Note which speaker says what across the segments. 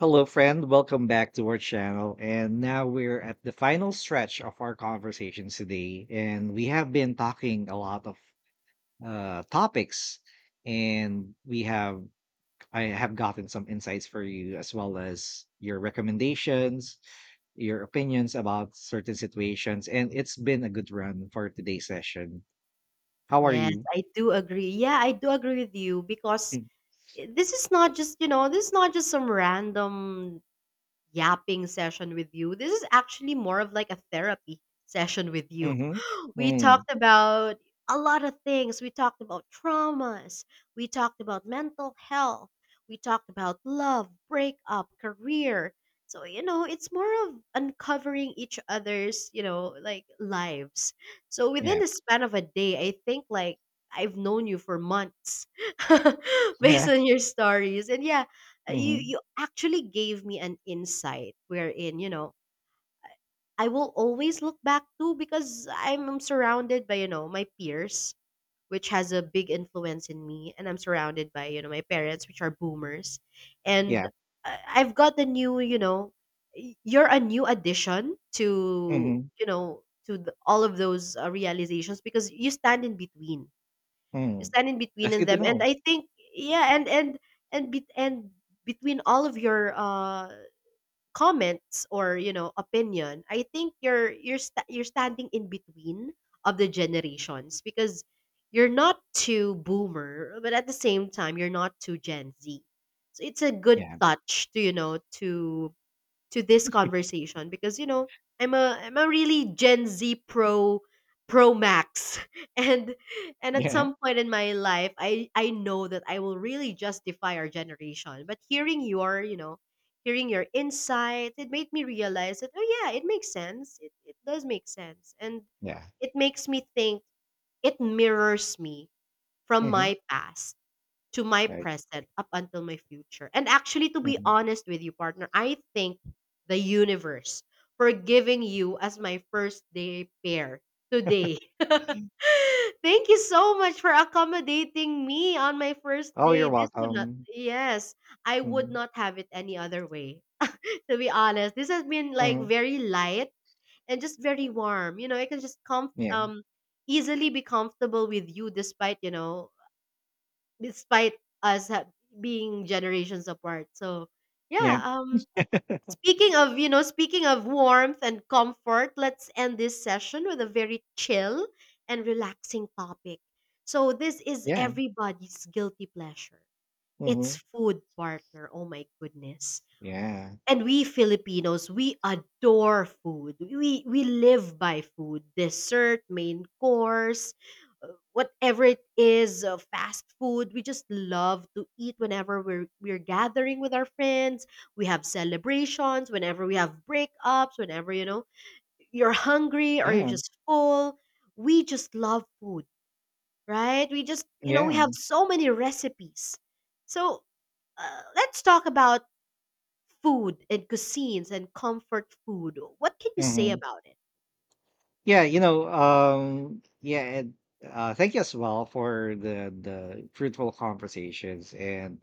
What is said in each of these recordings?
Speaker 1: Hello, friend. Welcome back to our channel. And now we're at the final stretch of our conversations today. And we have been talking a lot of topics. And we have, I have gotten some insights for you as well as your recommendations, your opinions about certain situations. And it's been a good run for today's session. How are
Speaker 2: Yes,
Speaker 1: you?
Speaker 2: I do agree. Yeah, I do agree with you because this is not just, this is not just some random yapping session with you. This is actually more of like a therapy session with you.
Speaker 1: Mm-hmm.
Speaker 2: We
Speaker 1: Mm,
Speaker 2: talked about a lot of things. We talked about traumas. We talked about mental health. We talked about love, breakup, career. So, it's more of uncovering each other's, like lives. So within
Speaker 1: yeah.
Speaker 2: the span of a day, I think like I've known you for months based
Speaker 1: Yeah.
Speaker 2: on your stories. And yeah, you
Speaker 1: Mm-hmm.
Speaker 2: you actually gave me an insight wherein, I will always look back to because I'm surrounded by, my peers, which has a big influence in me. And I'm surrounded by, my parents, which are boomers.
Speaker 1: Yeah.
Speaker 2: And I've got the new, you're a new addition to,
Speaker 1: Mm-hmm.
Speaker 2: to all of those realizations because you stand in between. You
Speaker 1: Mm.
Speaker 2: stand in between
Speaker 1: That's
Speaker 2: in
Speaker 1: good to
Speaker 2: them. And
Speaker 1: know.
Speaker 2: I think, yeah, and between all of your comments or opinion. I think you're standing in between of the generations because you're not too boomer, but at the same time you're not too Gen Z. So it's a good
Speaker 1: Yeah.
Speaker 2: touch to to this conversation because I'm a really Gen Z pro max. and and at
Speaker 1: Yeah.
Speaker 2: some point in my life, I know that I will really justify our generation, but hearing your you know hearing your insight, it made me realize that, oh yeah, it makes sense. It does make sense, and
Speaker 1: Yeah.
Speaker 2: it makes me think it mirrors me from
Speaker 1: Mhm.
Speaker 2: my past to my
Speaker 1: Right.
Speaker 2: present up until my future. And actually, to be
Speaker 1: Mhm.
Speaker 2: honest with you, partner, I think the universe for giving you as my first day pair today. Thank you so much for accommodating me on my first
Speaker 1: Oh, you're
Speaker 2: day. This would not,
Speaker 1: welcome.
Speaker 2: yes, I would
Speaker 1: Mhm.
Speaker 2: not have it any other way. To be honest, this has been like
Speaker 1: Mhm.
Speaker 2: very light and just very warm. You know, I can just
Speaker 1: Yeah.
Speaker 2: easily be comfortable with you despite, despite us ha- being generations apart. So, yeah,
Speaker 1: Yeah.
Speaker 2: speaking of, speaking of warmth and comfort, let's end this session with a very chill and relaxing topic. So, this is
Speaker 1: Yeah.
Speaker 2: everybody's guilty pleasure. It's
Speaker 1: Mhm.
Speaker 2: food, partner. Oh my goodness,
Speaker 1: Yeah.
Speaker 2: and we Filipinos, we adore food. We live by food, dessert, main course, whatever it is, fast food. We just love to eat whenever we're gathering with our friends. We have celebrations whenever we have breakups, whenever you're hungry or you're
Speaker 1: Yeah.
Speaker 2: just full. We just love food, right? We just we
Speaker 1: Yeah.
Speaker 2: have so many recipes. So let's talk about food and cuisines and comfort food. What can you say
Speaker 1: Mhm.
Speaker 2: about it?
Speaker 1: Yeah, and thank you as well for the fruitful conversations. And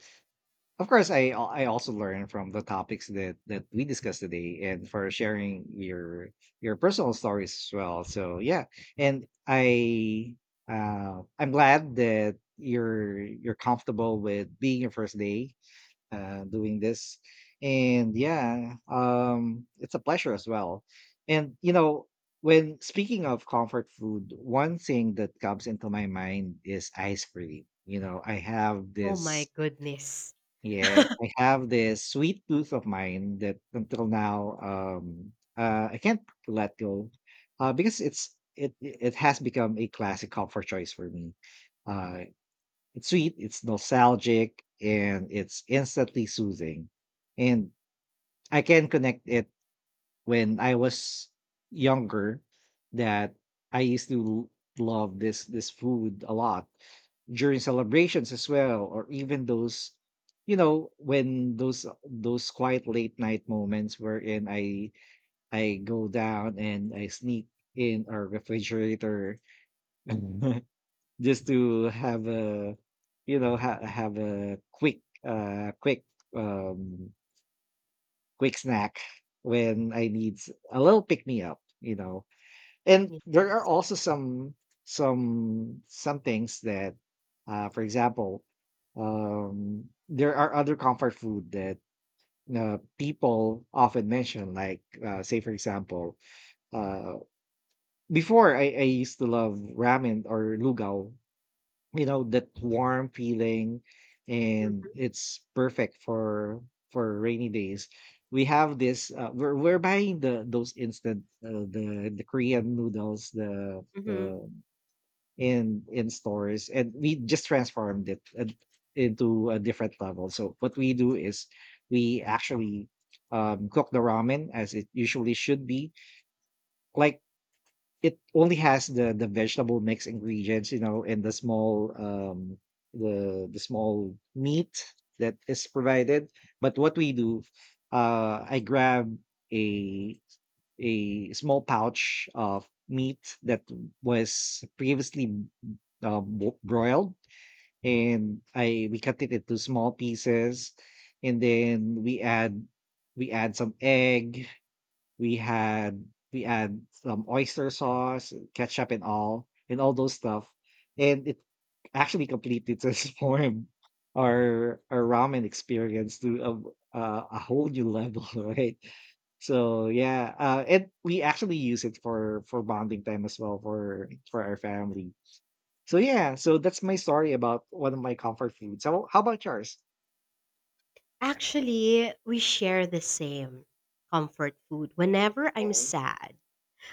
Speaker 1: of course, I also learned from the topics that we discussed today, and for sharing your personal stories as well. So yeah, and I'm glad that you're comfortable with being your first day doing this, and yeah, it's a pleasure as well. And you know, when speaking of comfort food, one thing that comes into my mind is ice cream. You know,
Speaker 2: Oh my goodness.
Speaker 1: I have this sweet tooth of mine that until now I can't let go because it it has become a classic comfort choice for me. Uh it's sweet, it's nostalgic, and it's instantly soothing. And I can connect it when I was younger that I used to love this food a lot during celebrations as well, or even those, you know, when those quiet late night moments wherein I go down and I sneak in our refrigerator just to have a you know ha- have a quick quick um quick snack when a little pick me up, you know. And there are
Speaker 2: Yes.
Speaker 1: also some some things that, for example, there are other comfort food that people often mention, like say for example, uh, before I used to love ramen or lugaw. You know, that warm feeling, and it's perfect for rainy days. We have this we're buying the those instant the korean noodles the
Speaker 2: hmm
Speaker 1: the in stores, and we just transformed it into a different level. So what we do is we actually cook the ramen as it usually should be, like it only has the vegetable mix ingredients, you know, and the small meat that is provided. But what we do, I grab a a small pouch of meat that was previously broiled, and I we cut it into small pieces, and then we add some egg, we had we add some oyster sauce, ketchup, and all those stuff, and it actually completely transformed our ramen experience to a whole new level, right? So yeah, and we actually use it for bonding time as well for our family. So yeah, so that's my story about one of my comfort foods. So how about yours?
Speaker 2: Actually, we share the same comfort food. Whenever I'm
Speaker 1: Mhm,
Speaker 2: sad,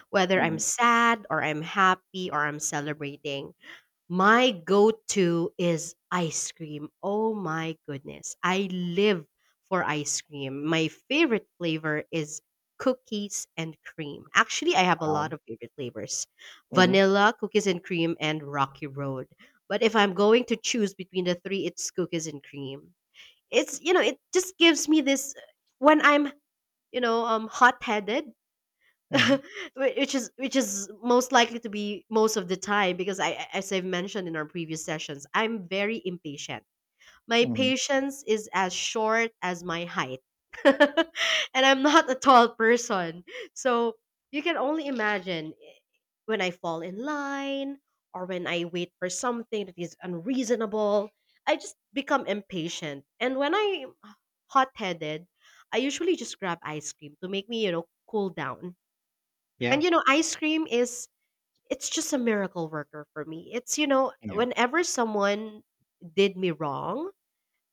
Speaker 2: whether I'm
Speaker 1: mhm,
Speaker 2: sad or I'm happy or I'm celebrating, my go-to is ice cream. Oh my goodness. I live for ice cream. My favorite flavor is cookies and cream. Actually, I have a
Speaker 1: wow.
Speaker 2: lot of favorite flavors.
Speaker 1: Mm-hmm.
Speaker 2: Vanilla, cookies and cream, and Rocky Road. But if I'm going to choose between the three, it's cookies and cream. It's, you know, it just gives me this when I'm, you know, hot-headed.
Speaker 1: Mm-hmm.
Speaker 2: Which is which is most likely to be most of the time because I, as I've mentioned in our previous sessions, I'm very impatient. My
Speaker 1: Mm-hmm.
Speaker 2: patience is as short as my height. And I'm not a tall person. So you can only imagine when I fall in line or when I wait for something that is unreasonable, I just become impatient. And when I'm hot-headed, I usually just grab ice cream to make me, you know, cool down.
Speaker 1: Yeah.
Speaker 2: And you know, ice cream is it's just a miracle worker for me. It's you know,
Speaker 1: Yeah.
Speaker 2: whenever someone did me wrong,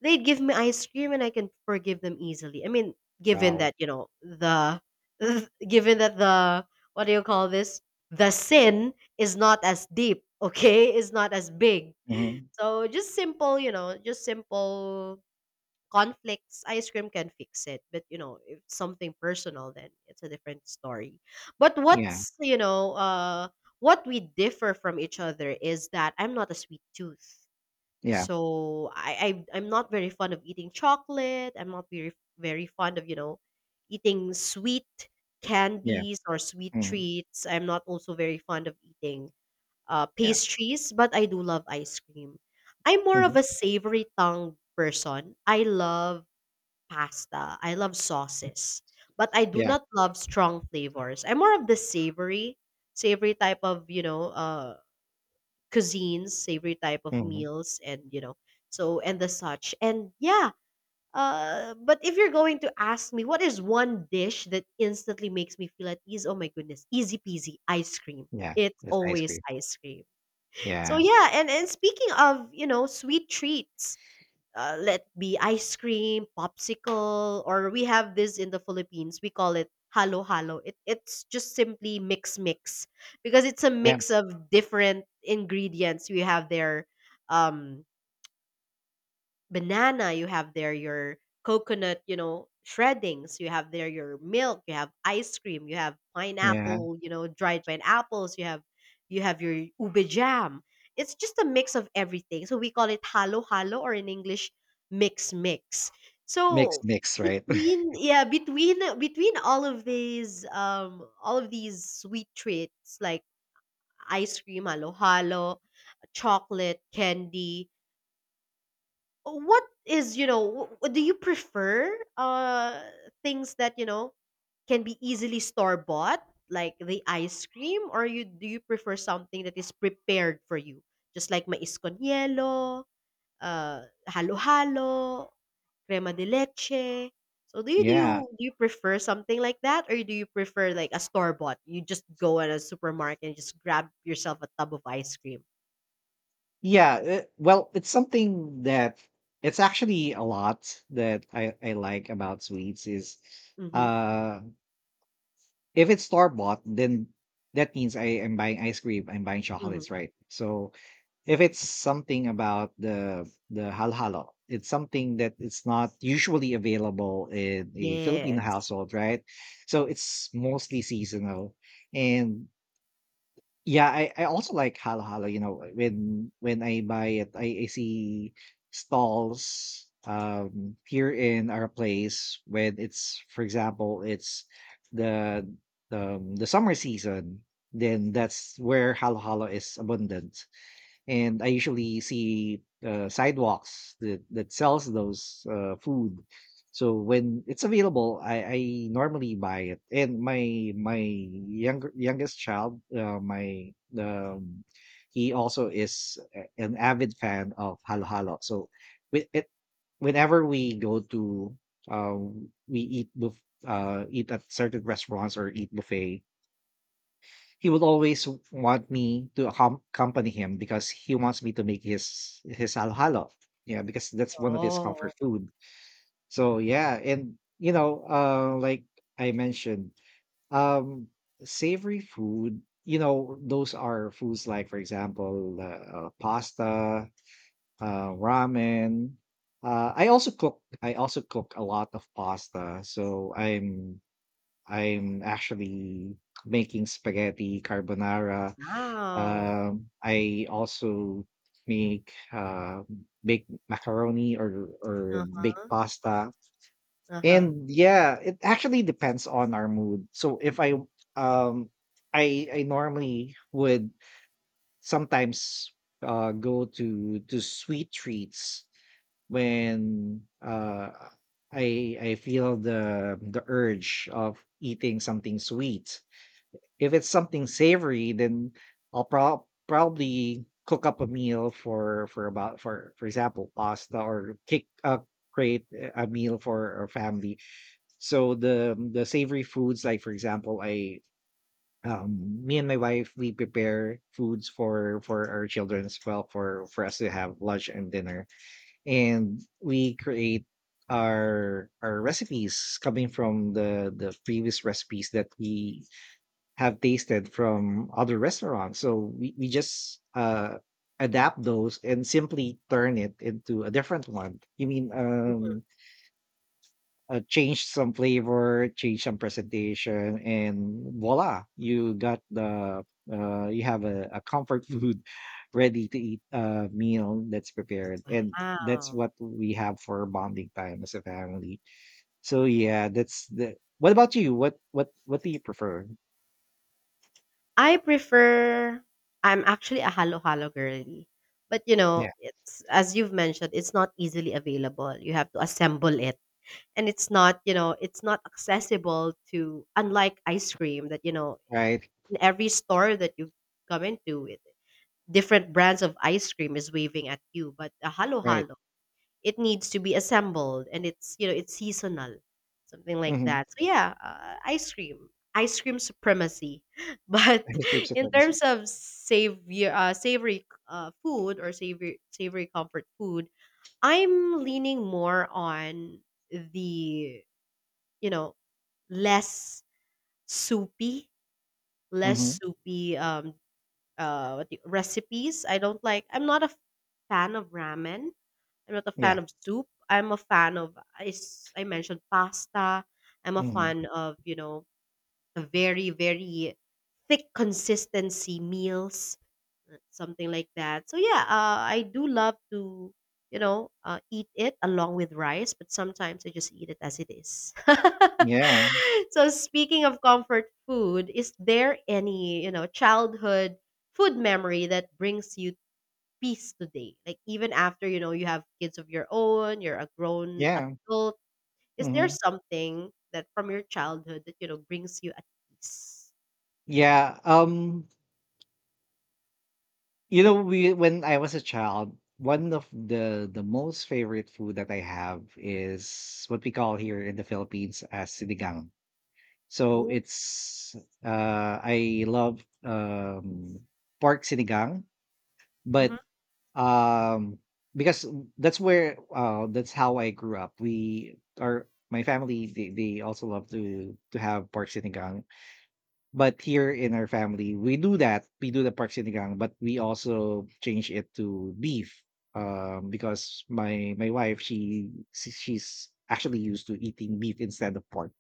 Speaker 2: they'd give me ice cream and I can forgive them easily. I mean, given
Speaker 1: Wow.
Speaker 2: that, you know, the given that the, what do you call this? The sin is not as deep, okay? Is not as big.
Speaker 1: Mm-hmm.
Speaker 2: So just simple, you know, just simple conflicts, ice cream can fix it. But you know, if something personal, then it's a different story. But
Speaker 1: Yeah.
Speaker 2: what's you know, what we differ from each other is that I'm not a sweet tooth,
Speaker 1: Yeah,
Speaker 2: so I'm not very fond of eating chocolate. I'm not very fond of you know, eating sweet
Speaker 1: yeah,
Speaker 2: candies or sweet
Speaker 1: mhm,
Speaker 2: treats. I'm not also very fond of eating
Speaker 1: yeah,
Speaker 2: pastries, but I do love ice cream. I'm more of
Speaker 1: mhm,
Speaker 2: a savory tongue person. I love pasta. I love sauces, but I do
Speaker 1: yeah,
Speaker 2: not love strong flavors. I'm more of the savory type of you know cuisines, savory type of
Speaker 1: mhm,
Speaker 2: meals, and you know so and the such. And yeah, but if you're going to ask me what is one dish that instantly makes me feel at ease, oh my goodness, easy peasy, ice cream.
Speaker 1: yeah,
Speaker 2: It's
Speaker 1: with ice
Speaker 2: always
Speaker 1: cream.
Speaker 2: ice cream. So
Speaker 1: Yeah,
Speaker 2: yeah, and speaking of you know sweet treats, let be ice cream, popsicle, or we have this in the Philippines. We call it halo halo. It's just simply mix mix because it's a
Speaker 1: yeah,
Speaker 2: mix of different ingredients. We have their um, banana, you have there your coconut, you know, shreddings, you have there your milk, you have ice cream, you have
Speaker 1: yeah,
Speaker 2: pineapple, you know, dried pineapples, you have your ube jam. It's just a mix of everything. So we call it halo halo, or in English, mix mix.
Speaker 1: mix,
Speaker 2: So
Speaker 1: mix, right?
Speaker 2: between yeah, between all of these sweet treats like ice cream, halo halo, chocolate, candy, what is you know do you prefer things that you know can be easily store bought like the ice cream, or you do you prefer something that is prepared for you just like mais con hielo, halo halo, crema de leche? So
Speaker 1: Yeah,
Speaker 2: do you prefer something like that, or do you prefer like a store bought, you just go at a supermarket and just grab yourself a tub of ice cream?
Speaker 1: yeah. Well, it's something that it's actually a lot that I like about sweets is,
Speaker 2: Mm-hmm,
Speaker 1: uh, if it's store bought, then that means I am buying ice cream, I'm buying
Speaker 2: mm-hmm.
Speaker 1: chocolates, right? So if it's something about the halhalo, it's something that it's not usually available in a Filipino
Speaker 2: Yes.
Speaker 1: household, right? So it's mostly seasonal. And yeah, I also like halhalo, you know, when I buy it, I see stalls here in our place when it's for example it's the the summer season, then that's where halhalo is abundant. And I usually see sidewalks that that sells those food. So when it's available, I normally buy it. And my younger youngest child, my um, he also is an avid fan of halo halo. So with it, whenever we go to, um, we eat buff, eat at certain restaurants or eat buffet, he would always want me to accompany him because he wants me to make his halo halo. Yeah, because that's one of his comfort
Speaker 2: Oh.
Speaker 1: food. So yeah, and you know, like I mentioned, um, savory food. You know, those are foods like, for example, pasta, ramen. I also cook. I also cook a lot of pasta. So I'm actually making spaghetti carbonara,
Speaker 2: Wow.
Speaker 1: I also make baked macaroni or
Speaker 2: Uh-huh,
Speaker 1: baked pasta,
Speaker 2: uh-huh.
Speaker 1: and yeah, it actually depends on our mood. So if um I normally would sometimes go to sweet treats when I feel the urge of eating something sweet. If it's something savory, then I'll probably cook up a meal for about for example, pasta, or kick create a meal for our family. So the savory foods, like for example, I me and my wife we prepare foods for our children as well for us to have lunch and dinner. And we create our recipes coming from the previous recipes that we have tasted from other restaurants. So we just adapt those and simply turn it into a different one. You mean
Speaker 2: Mhm.
Speaker 1: change some flavor, change some presentation, and voila, you got the you have a comfort food ready to eat meal that's prepared, and that's
Speaker 2: Wow.
Speaker 1: what we have for bonding time as a family. So yeah, that's the. What about you? What what do you prefer?
Speaker 2: I prefer, I'm actually a halo-halo girly. But you
Speaker 1: Yeah,
Speaker 2: know, it's as you've mentioned, it's not easily available. You have to assemble it. And it's not, you know, it's not accessible to unlike ice cream that, you know,
Speaker 1: right,
Speaker 2: in every store that you come into, it, different brands of ice cream is waving at you. But a
Speaker 1: right.
Speaker 2: halo-halo, it needs to be assembled and it's, you know, it's seasonal, something like
Speaker 1: Mhm.
Speaker 2: that. So yeah, ice cream supremacy. But
Speaker 1: His grape
Speaker 2: in
Speaker 1: supremacy.
Speaker 2: terms of savory food or savory comfort food, I'm leaning more on the, you know, less soupy, less
Speaker 1: Mhm.
Speaker 2: soupy recipes. I don't like, I'm not a fan of ramen. I'm not a fan
Speaker 1: Yeah.
Speaker 2: of soup. I'm a fan of I mentioned pasta. I'm a
Speaker 1: Mhm.
Speaker 2: fan of, you know, a very, very thick consistency meals, something like that. So yeah, I do love to, you know, eat it along with rice, but sometimes I just eat it as it is.
Speaker 1: Yeah.
Speaker 2: So speaking of comfort food, is there any, you know, childhood food memory that brings you peace today? Like even after, you know, you have kids of your own, you're a grown
Speaker 1: Yeah.
Speaker 2: adult, is there
Speaker 1: Mhm.
Speaker 2: something that from your childhood that, you know, brings you at peace?
Speaker 1: Yeah. You know, we when I was a child, one of the most favorite food that I have is what we call here in the Philippines as sinigang. So
Speaker 2: Oh,
Speaker 1: it's I love pork sinigang, but
Speaker 2: mhm.
Speaker 1: um because that's where that's how I grew up. We are my family, they also love to have pork sinigang. But here in our family we do that we do the pork sinigang, but we also change it to beef, because my wife, she's actually used to eating beef instead of pork,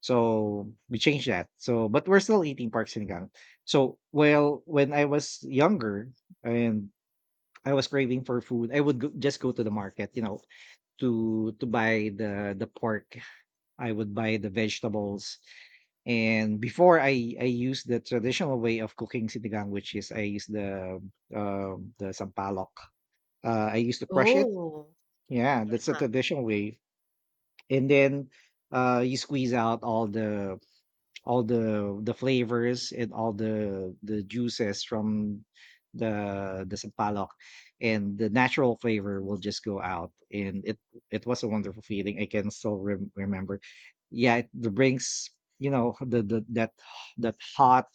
Speaker 1: so we changed that. So but we're still eating pork sinigang. So well, when I was younger, and I was craving for food, I would go, just go to the market, you know, to buy the pork. I would buy the vegetables, and before I used the traditional way of cooking sinigang, which is I use the sampalok. I used to crush it.
Speaker 2: Oh,
Speaker 1: Yeah, that's the
Speaker 2: yeah.
Speaker 1: traditional way, and then you squeeze out all the flavors and all the juices from the sampalok, and the natural flavor will just go out. And it was a wonderful feeling. I can still remember, yeah, it brings, you know, the that hot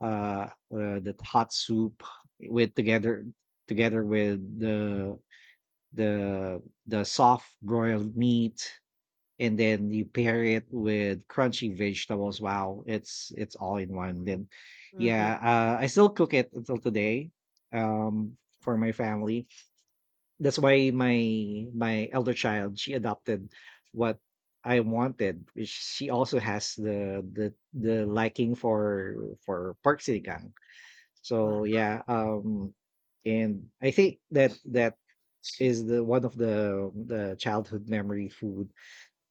Speaker 1: that hot soup with together with the the soft broiled meat, and then you pair it with crunchy vegetables. Wow, it's all in one. Then,
Speaker 2: Mhm.
Speaker 1: yeah, I still cook it until today, for my family. That's why my my elder child she adopted what I wanted, which she also has the liking for pork sinigang.
Speaker 2: Wow.
Speaker 1: So yeah, and I think that that is the one of the childhood memory food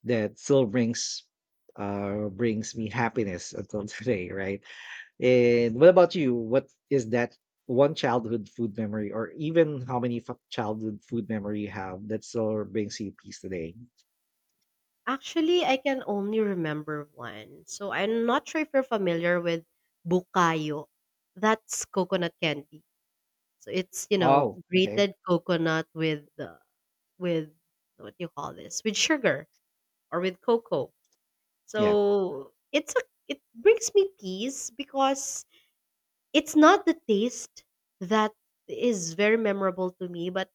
Speaker 1: that still brings brings me happiness until today, right? And what about you? What is that one childhood food memory or even how many childhood food memory you have that still brings you peace today?
Speaker 2: Actually, I can only remember one. So I'm not sure if you're familiar with Bukayo. That's coconut candy. So it's, you know,
Speaker 1: Oh, okay.
Speaker 2: grated coconut with with, what do you call this? With sugar or with cocoa.
Speaker 1: Yeah.
Speaker 2: So it's a, it brings me peace because it's not the taste that is very memorable to me, but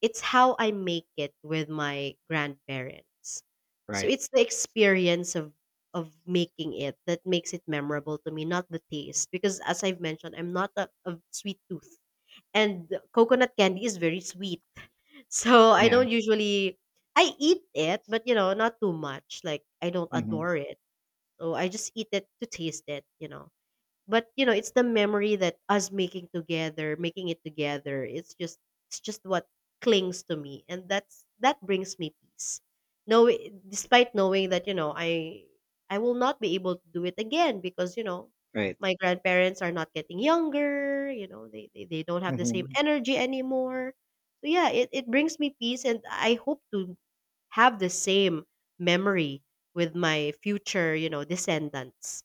Speaker 2: it's how I make it with my grandparents. So
Speaker 1: Right.
Speaker 2: it's the experience of making it that makes it memorable to me, not the taste. Because as I've mentioned, I'm not a, a sweet tooth. And coconut candy is very sweet. So I
Speaker 1: Yeah.
Speaker 2: don't usually, I eat it, but you know, not too much. Like I don't
Speaker 1: Hmm.
Speaker 2: adore it, so I just eat it to taste it, you know. But, you know, it's the memory that us making together, making it together, it's just what clings to me and that's that brings me peace. No, despite knowing that, I will not be able to do it again because,
Speaker 1: Right.
Speaker 2: my grandparents are not getting younger, they don't have the same
Speaker 1: Hmm.
Speaker 2: energy anymore. So yeah, it brings me peace and I hope to have the same memory with my future, descendants.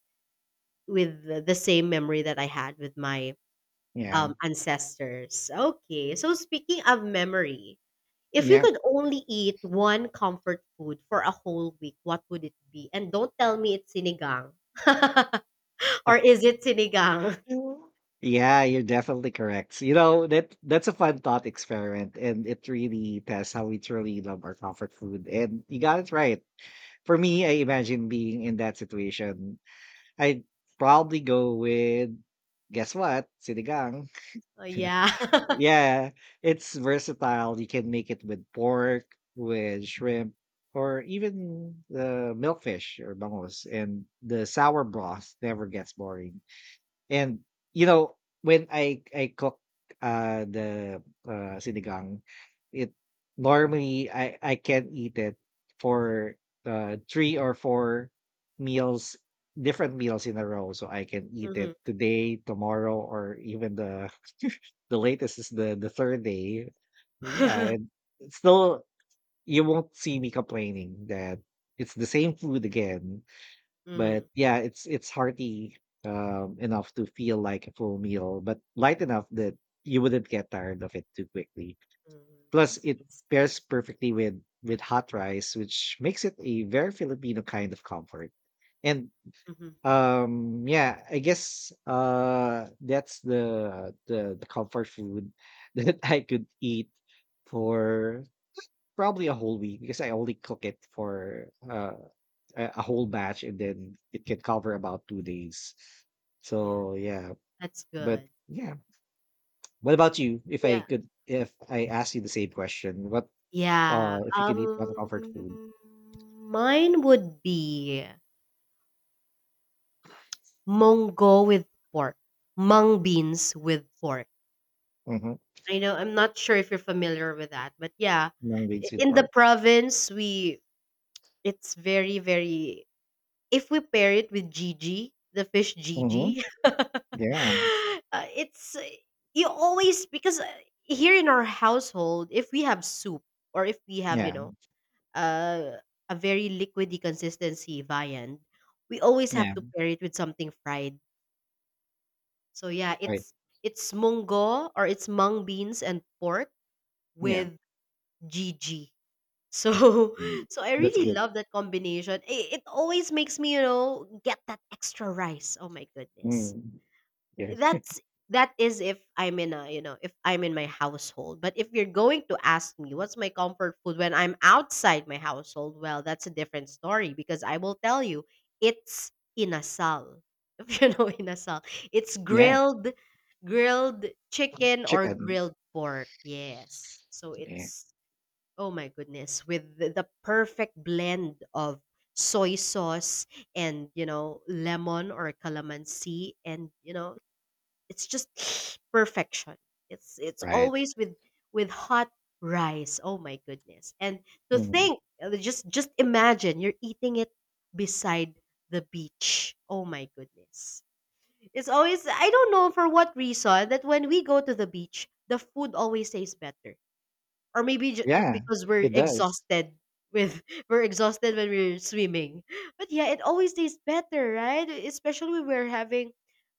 Speaker 2: With the same memory that I had with my,
Speaker 1: Yeah.
Speaker 2: um, ancestors. Okay, so speaking of memory, if you
Speaker 1: Yeah.
Speaker 2: could only eat one comfort food for a whole week, what would it be? And don't tell me it's sinigang. Or is it sinigang?
Speaker 1: Mhm. Yeah, you're definitely correct. You know, that that's a fun thought experiment, and it really tests how we truly love our comfort food. And you got it right. For me, I imagine being in that situation. I'd probably go with, guess what? Sinigang.
Speaker 2: Oh, yeah.
Speaker 1: Yeah, it's versatile. You can make it with pork, with shrimp, or even the milkfish or bangos. And the sour broth never gets boring. And you know, when I cook the sinigang, it normally I can eat it for three or four meals, different meals in a row. So I can eat it
Speaker 2: Mhm.
Speaker 1: today, tomorrow, or even the the latest is the third day. Yeah,
Speaker 2: Mhm.
Speaker 1: and still you won't see me complaining that it's the same food again. But
Speaker 2: Mhm.
Speaker 1: yeah, it's hearty, enough to feel like a full meal, but light enough that you wouldn't get tired of it too quickly. Plus, it
Speaker 2: I see.
Speaker 1: pairs perfectly with hot rice, which makes it a very Filipino kind of comfort. And
Speaker 2: Mhm.
Speaker 1: yeah, I guess that's the comfort food that I could eat for probably a whole week because I only cook it for a whole batch and then it can cover about 2 days,
Speaker 2: Yeah,
Speaker 1: so yeah.
Speaker 2: that's
Speaker 1: But
Speaker 2: good.
Speaker 1: yeah, what about you?
Speaker 2: Yeah.
Speaker 1: If I ask you the same question, what
Speaker 2: Yeah,
Speaker 1: if you could eat
Speaker 2: um,
Speaker 1: one comfort food?
Speaker 2: Mine would be Monggo with pork, mung beans with pork.
Speaker 1: Mm-hmm.
Speaker 2: I know I'm not sure if you're familiar with that, but yeah,
Speaker 1: Non-green sweet
Speaker 2: in the
Speaker 1: part.
Speaker 2: province we, it's very very, if we pair it with Gigi, the fish
Speaker 1: Mm-hmm.
Speaker 2: Gigi,
Speaker 1: Yeah.
Speaker 2: it's you always because here in our household if we have soup or if we have
Speaker 1: yeah
Speaker 2: uh, a very liquidy consistency viand, we always have
Speaker 1: yeah
Speaker 2: to pair it with something fried. So yeah,
Speaker 1: Right.
Speaker 2: it's munggo or it's mung beans and pork
Speaker 1: Yeah.
Speaker 2: with GG. So
Speaker 1: Mm.
Speaker 2: So I
Speaker 1: That's
Speaker 2: really
Speaker 1: good.
Speaker 2: love that combination. It always makes me, you know, get that extra rice. Oh my goodness.
Speaker 1: Mm. Yes.
Speaker 2: that's that is if I'm in a, you know, if I'm in my household. But if you're going to ask me what's my comfort food when I'm outside my household, well, that's a different story because I will tell you it's inasal. If you know inasal, it's
Speaker 1: Yeah.
Speaker 2: grilled chicken or
Speaker 1: Chicken.
Speaker 2: grilled pork. Yes, so
Speaker 1: Yeah.
Speaker 2: it's oh my goodness with the perfect blend of soy sauce and, you know, lemon or calamansi, and you know it's just perfection. It's
Speaker 1: Right.
Speaker 2: always with hot rice. Oh my goodness. And to
Speaker 1: Mhm.
Speaker 2: think just imagine you're eating it beside the beach. Oh my goodness. It's always, I don't know for what reason that when we go to the beach, the food always tastes better. Or maybe
Speaker 1: Yeah,
Speaker 2: because we're
Speaker 1: it does.
Speaker 2: exhausted. With We're exhausted when we're swimming, but yeah, it always tastes better, right? Especially when we're having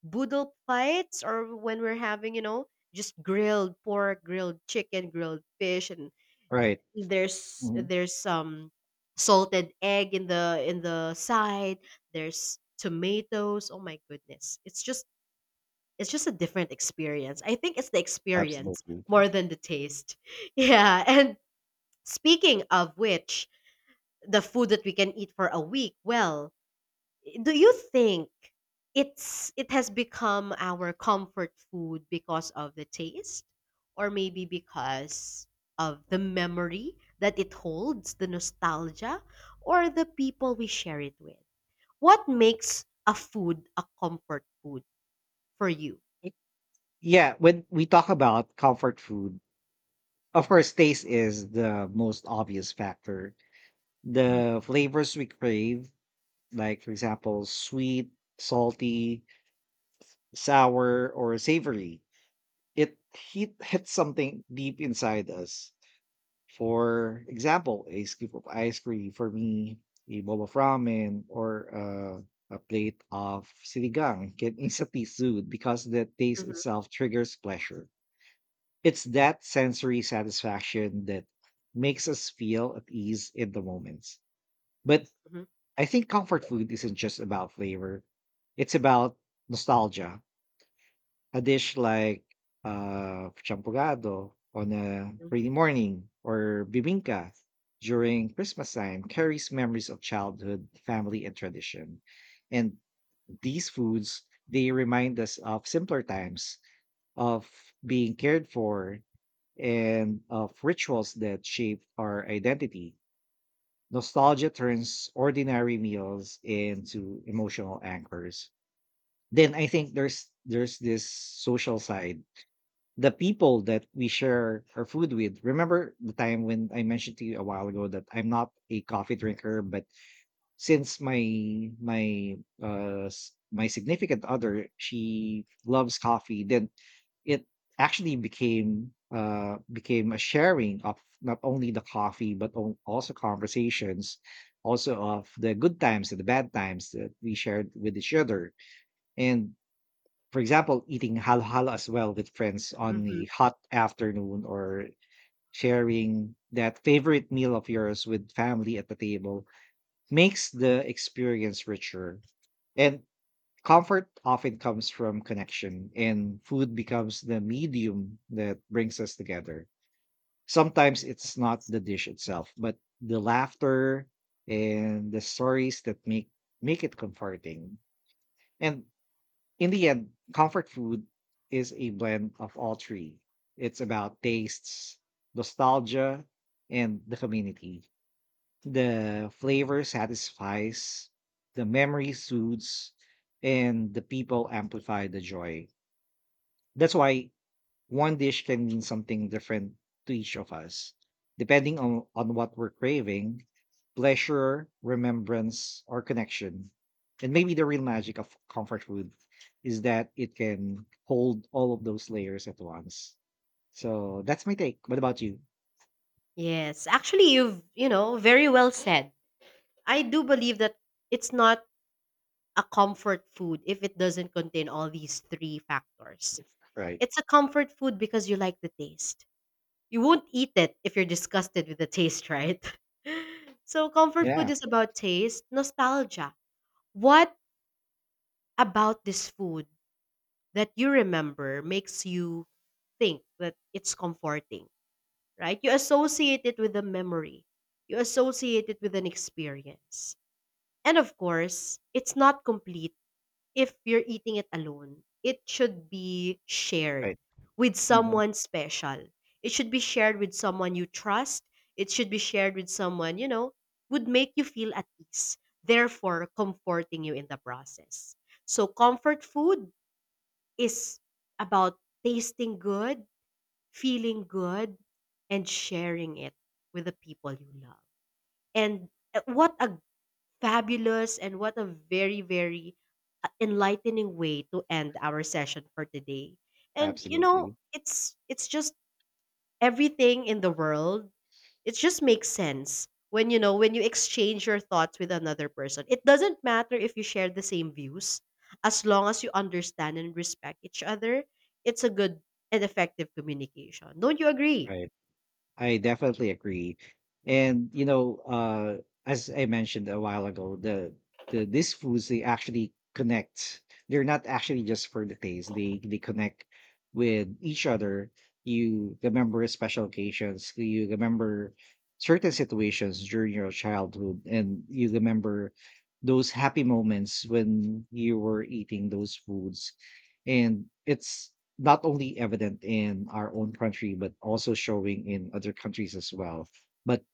Speaker 2: boodle fights or when we're having, you know, just grilled pork, grilled chicken, grilled fish, and
Speaker 1: Right.
Speaker 2: there's
Speaker 1: Mhm.
Speaker 2: there's some salted egg in the side, there's tomatoes, oh my goodness, it's just a different experience. I think it's the experience
Speaker 1: Absolutely.
Speaker 2: more than the taste. Yeah, and speaking of which, the food that we can eat for a week, well, do you think it's it has become our comfort food because of the taste, or maybe because of the memory that it holds, the nostalgia, or the people we share it with? What makes a food a comfort food for you?
Speaker 1: Y- yeah, when we talk about comfort food, of course, taste is the most obvious factor.
Speaker 2: Mhm,
Speaker 1: The flavors we crave, like for example, sweet, salty, sour, or savory, hits something deep inside us. For example, a scoop of ice cream for me, a bowl of ramen, or a plate of sinigang can instantly soothe because the taste
Speaker 2: mhm,
Speaker 1: itself triggers pleasure. It's that sensory satisfaction that makes us feel at ease in the moments. But
Speaker 2: mhm,
Speaker 1: I think comfort food isn't just about flavor, it's about nostalgia. A dish like champurrado on a
Speaker 2: mhm,
Speaker 1: rainy morning or bibinka during Christmas time carries memories of childhood, family, and tradition. And these foods, they remind us of simpler times, of being cared for, and of rituals that shape our identity. Nostalgia turns ordinary meals into emotional anchors. Then I think there's this social side. The people that we share our food with. Remember the time when I mentioned to you a while ago that I'm not a coffee drinker, but since my, s my significant other, she loves coffee, then it actually became, became a sharing of not only the coffee, but on also conversations, also of the good times and the bad times that we shared with each other. And for example, eating halo-halo as well with friends on
Speaker 2: mhm.
Speaker 1: a hot afternoon, or sharing that favorite meal of yours with family at the table makes the experience richer. And comfort often comes from connection, and food becomes the medium that brings us together. Sometimes it's not the dish itself, but the laughter and the stories that make it comforting. And in the end, comfort food is a blend of all three. It's about tastes, nostalgia, and the community. The flavor satisfies, the memory soothes, and the people amplify the joy. That's why one dish can mean something different to each of us, depending on what we're craving: pleasure, remembrance, or connection. And maybe the real magic of comfort food is that it can hold all of those layers at once. So that's my take. What about you?
Speaker 2: Yes, actually, you've, you know, very well said. I do believe that it's not a comfort food if it doesn't contain all these three factors.
Speaker 1: Right.
Speaker 2: It's a comfort food because you like the taste. You won't eat it if you're disgusted with the taste, right? So, comfort food
Speaker 1: Yeah,
Speaker 2: is about taste, nostalgia. What about this food that you remember makes you think that it's comforting, right? You associate it with a memory, you associate it with an experience. And of course, it's not complete if you're eating it alone, it should be shared
Speaker 1: right.
Speaker 2: with
Speaker 1: Hmm.
Speaker 2: someone special. It should be shared with someone you trust. It should be shared with someone, you know, would make you feel at ease, therefore comforting you in the process. So comfort food is about tasting good, feeling good, and sharing it with the people you love. And what a fabulous, and what a very, very, enlightening way to end our session for today. And you know,
Speaker 1: Absolutely.
Speaker 2: it's just everything in the world. It just makes sense when, you know, when you exchange your thoughts with another person. It doesn't matter if you share the same views, as long as you understand and respect each other. It's a good and effective communication. Don't you agree?
Speaker 1: Right. I definitely agree. And you know, as I mentioned a while ago, the these foods, they actually connect. They're not actually just for the taste. They connect with each other. You remember special occasions. You remember certain situations during your childhood, and you remember those happy moments when you were eating those foods. And it's not only evident in our own country, but also showing in other countries as well. But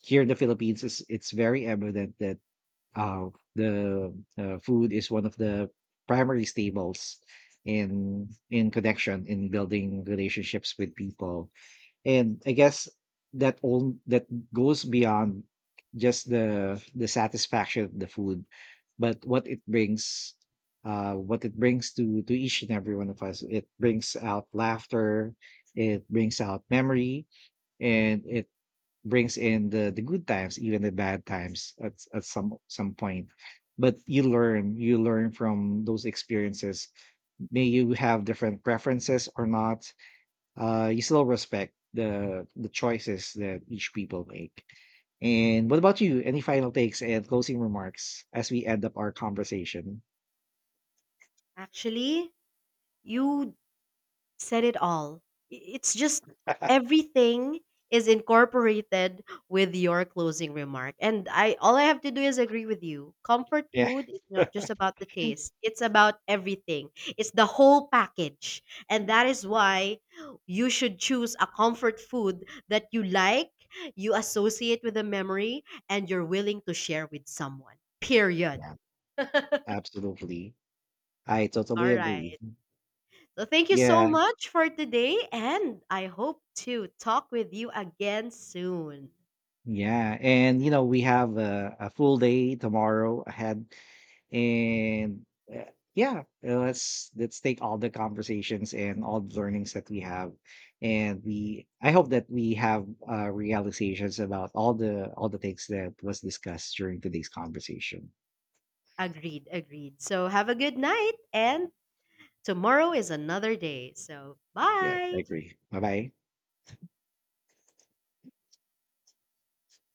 Speaker 1: here in the Philippines, it's very evident that uh, the food is one of the primary staples in connection, in building relationships with people. And I guess that all that goes beyond just the satisfaction of the food, but what it brings to each and every one of us. It brings out laughter, it brings out memory, and it brings in the good times, even the bad times at some point. But you learn from those experiences. May you have different preferences or not, you still respect the choices that each people make. And what about you? Any final takes and closing remarks as we end up our conversation?
Speaker 2: Actually, you said it all. It's just everything is incorporated with your closing remark. And I, all I have to do is agree with you. Comfort
Speaker 1: Yeah.
Speaker 2: food is not just about the taste. It's about everything. It's the whole package. And that is why you should choose a comfort food that you like, you associate with a memory, and you're willing to share with someone. Period.
Speaker 1: Yeah, absolutely. I totally
Speaker 2: All right.
Speaker 1: agree.
Speaker 2: So thank you so
Speaker 1: Yeah.
Speaker 2: much for today, and I hope to talk with you again soon.
Speaker 1: Yeah. And, you know, we have a full day tomorrow ahead. And uh, yeah Let's take all the conversations and all the learnings that we have. And we I hope that we have realizations about all the things that was discussed during today's conversation.
Speaker 2: Agreed, agreed. So have a good night, and tomorrow is another day. So
Speaker 1: Yes, I
Speaker 2: bye.
Speaker 1: agree. Bye bye.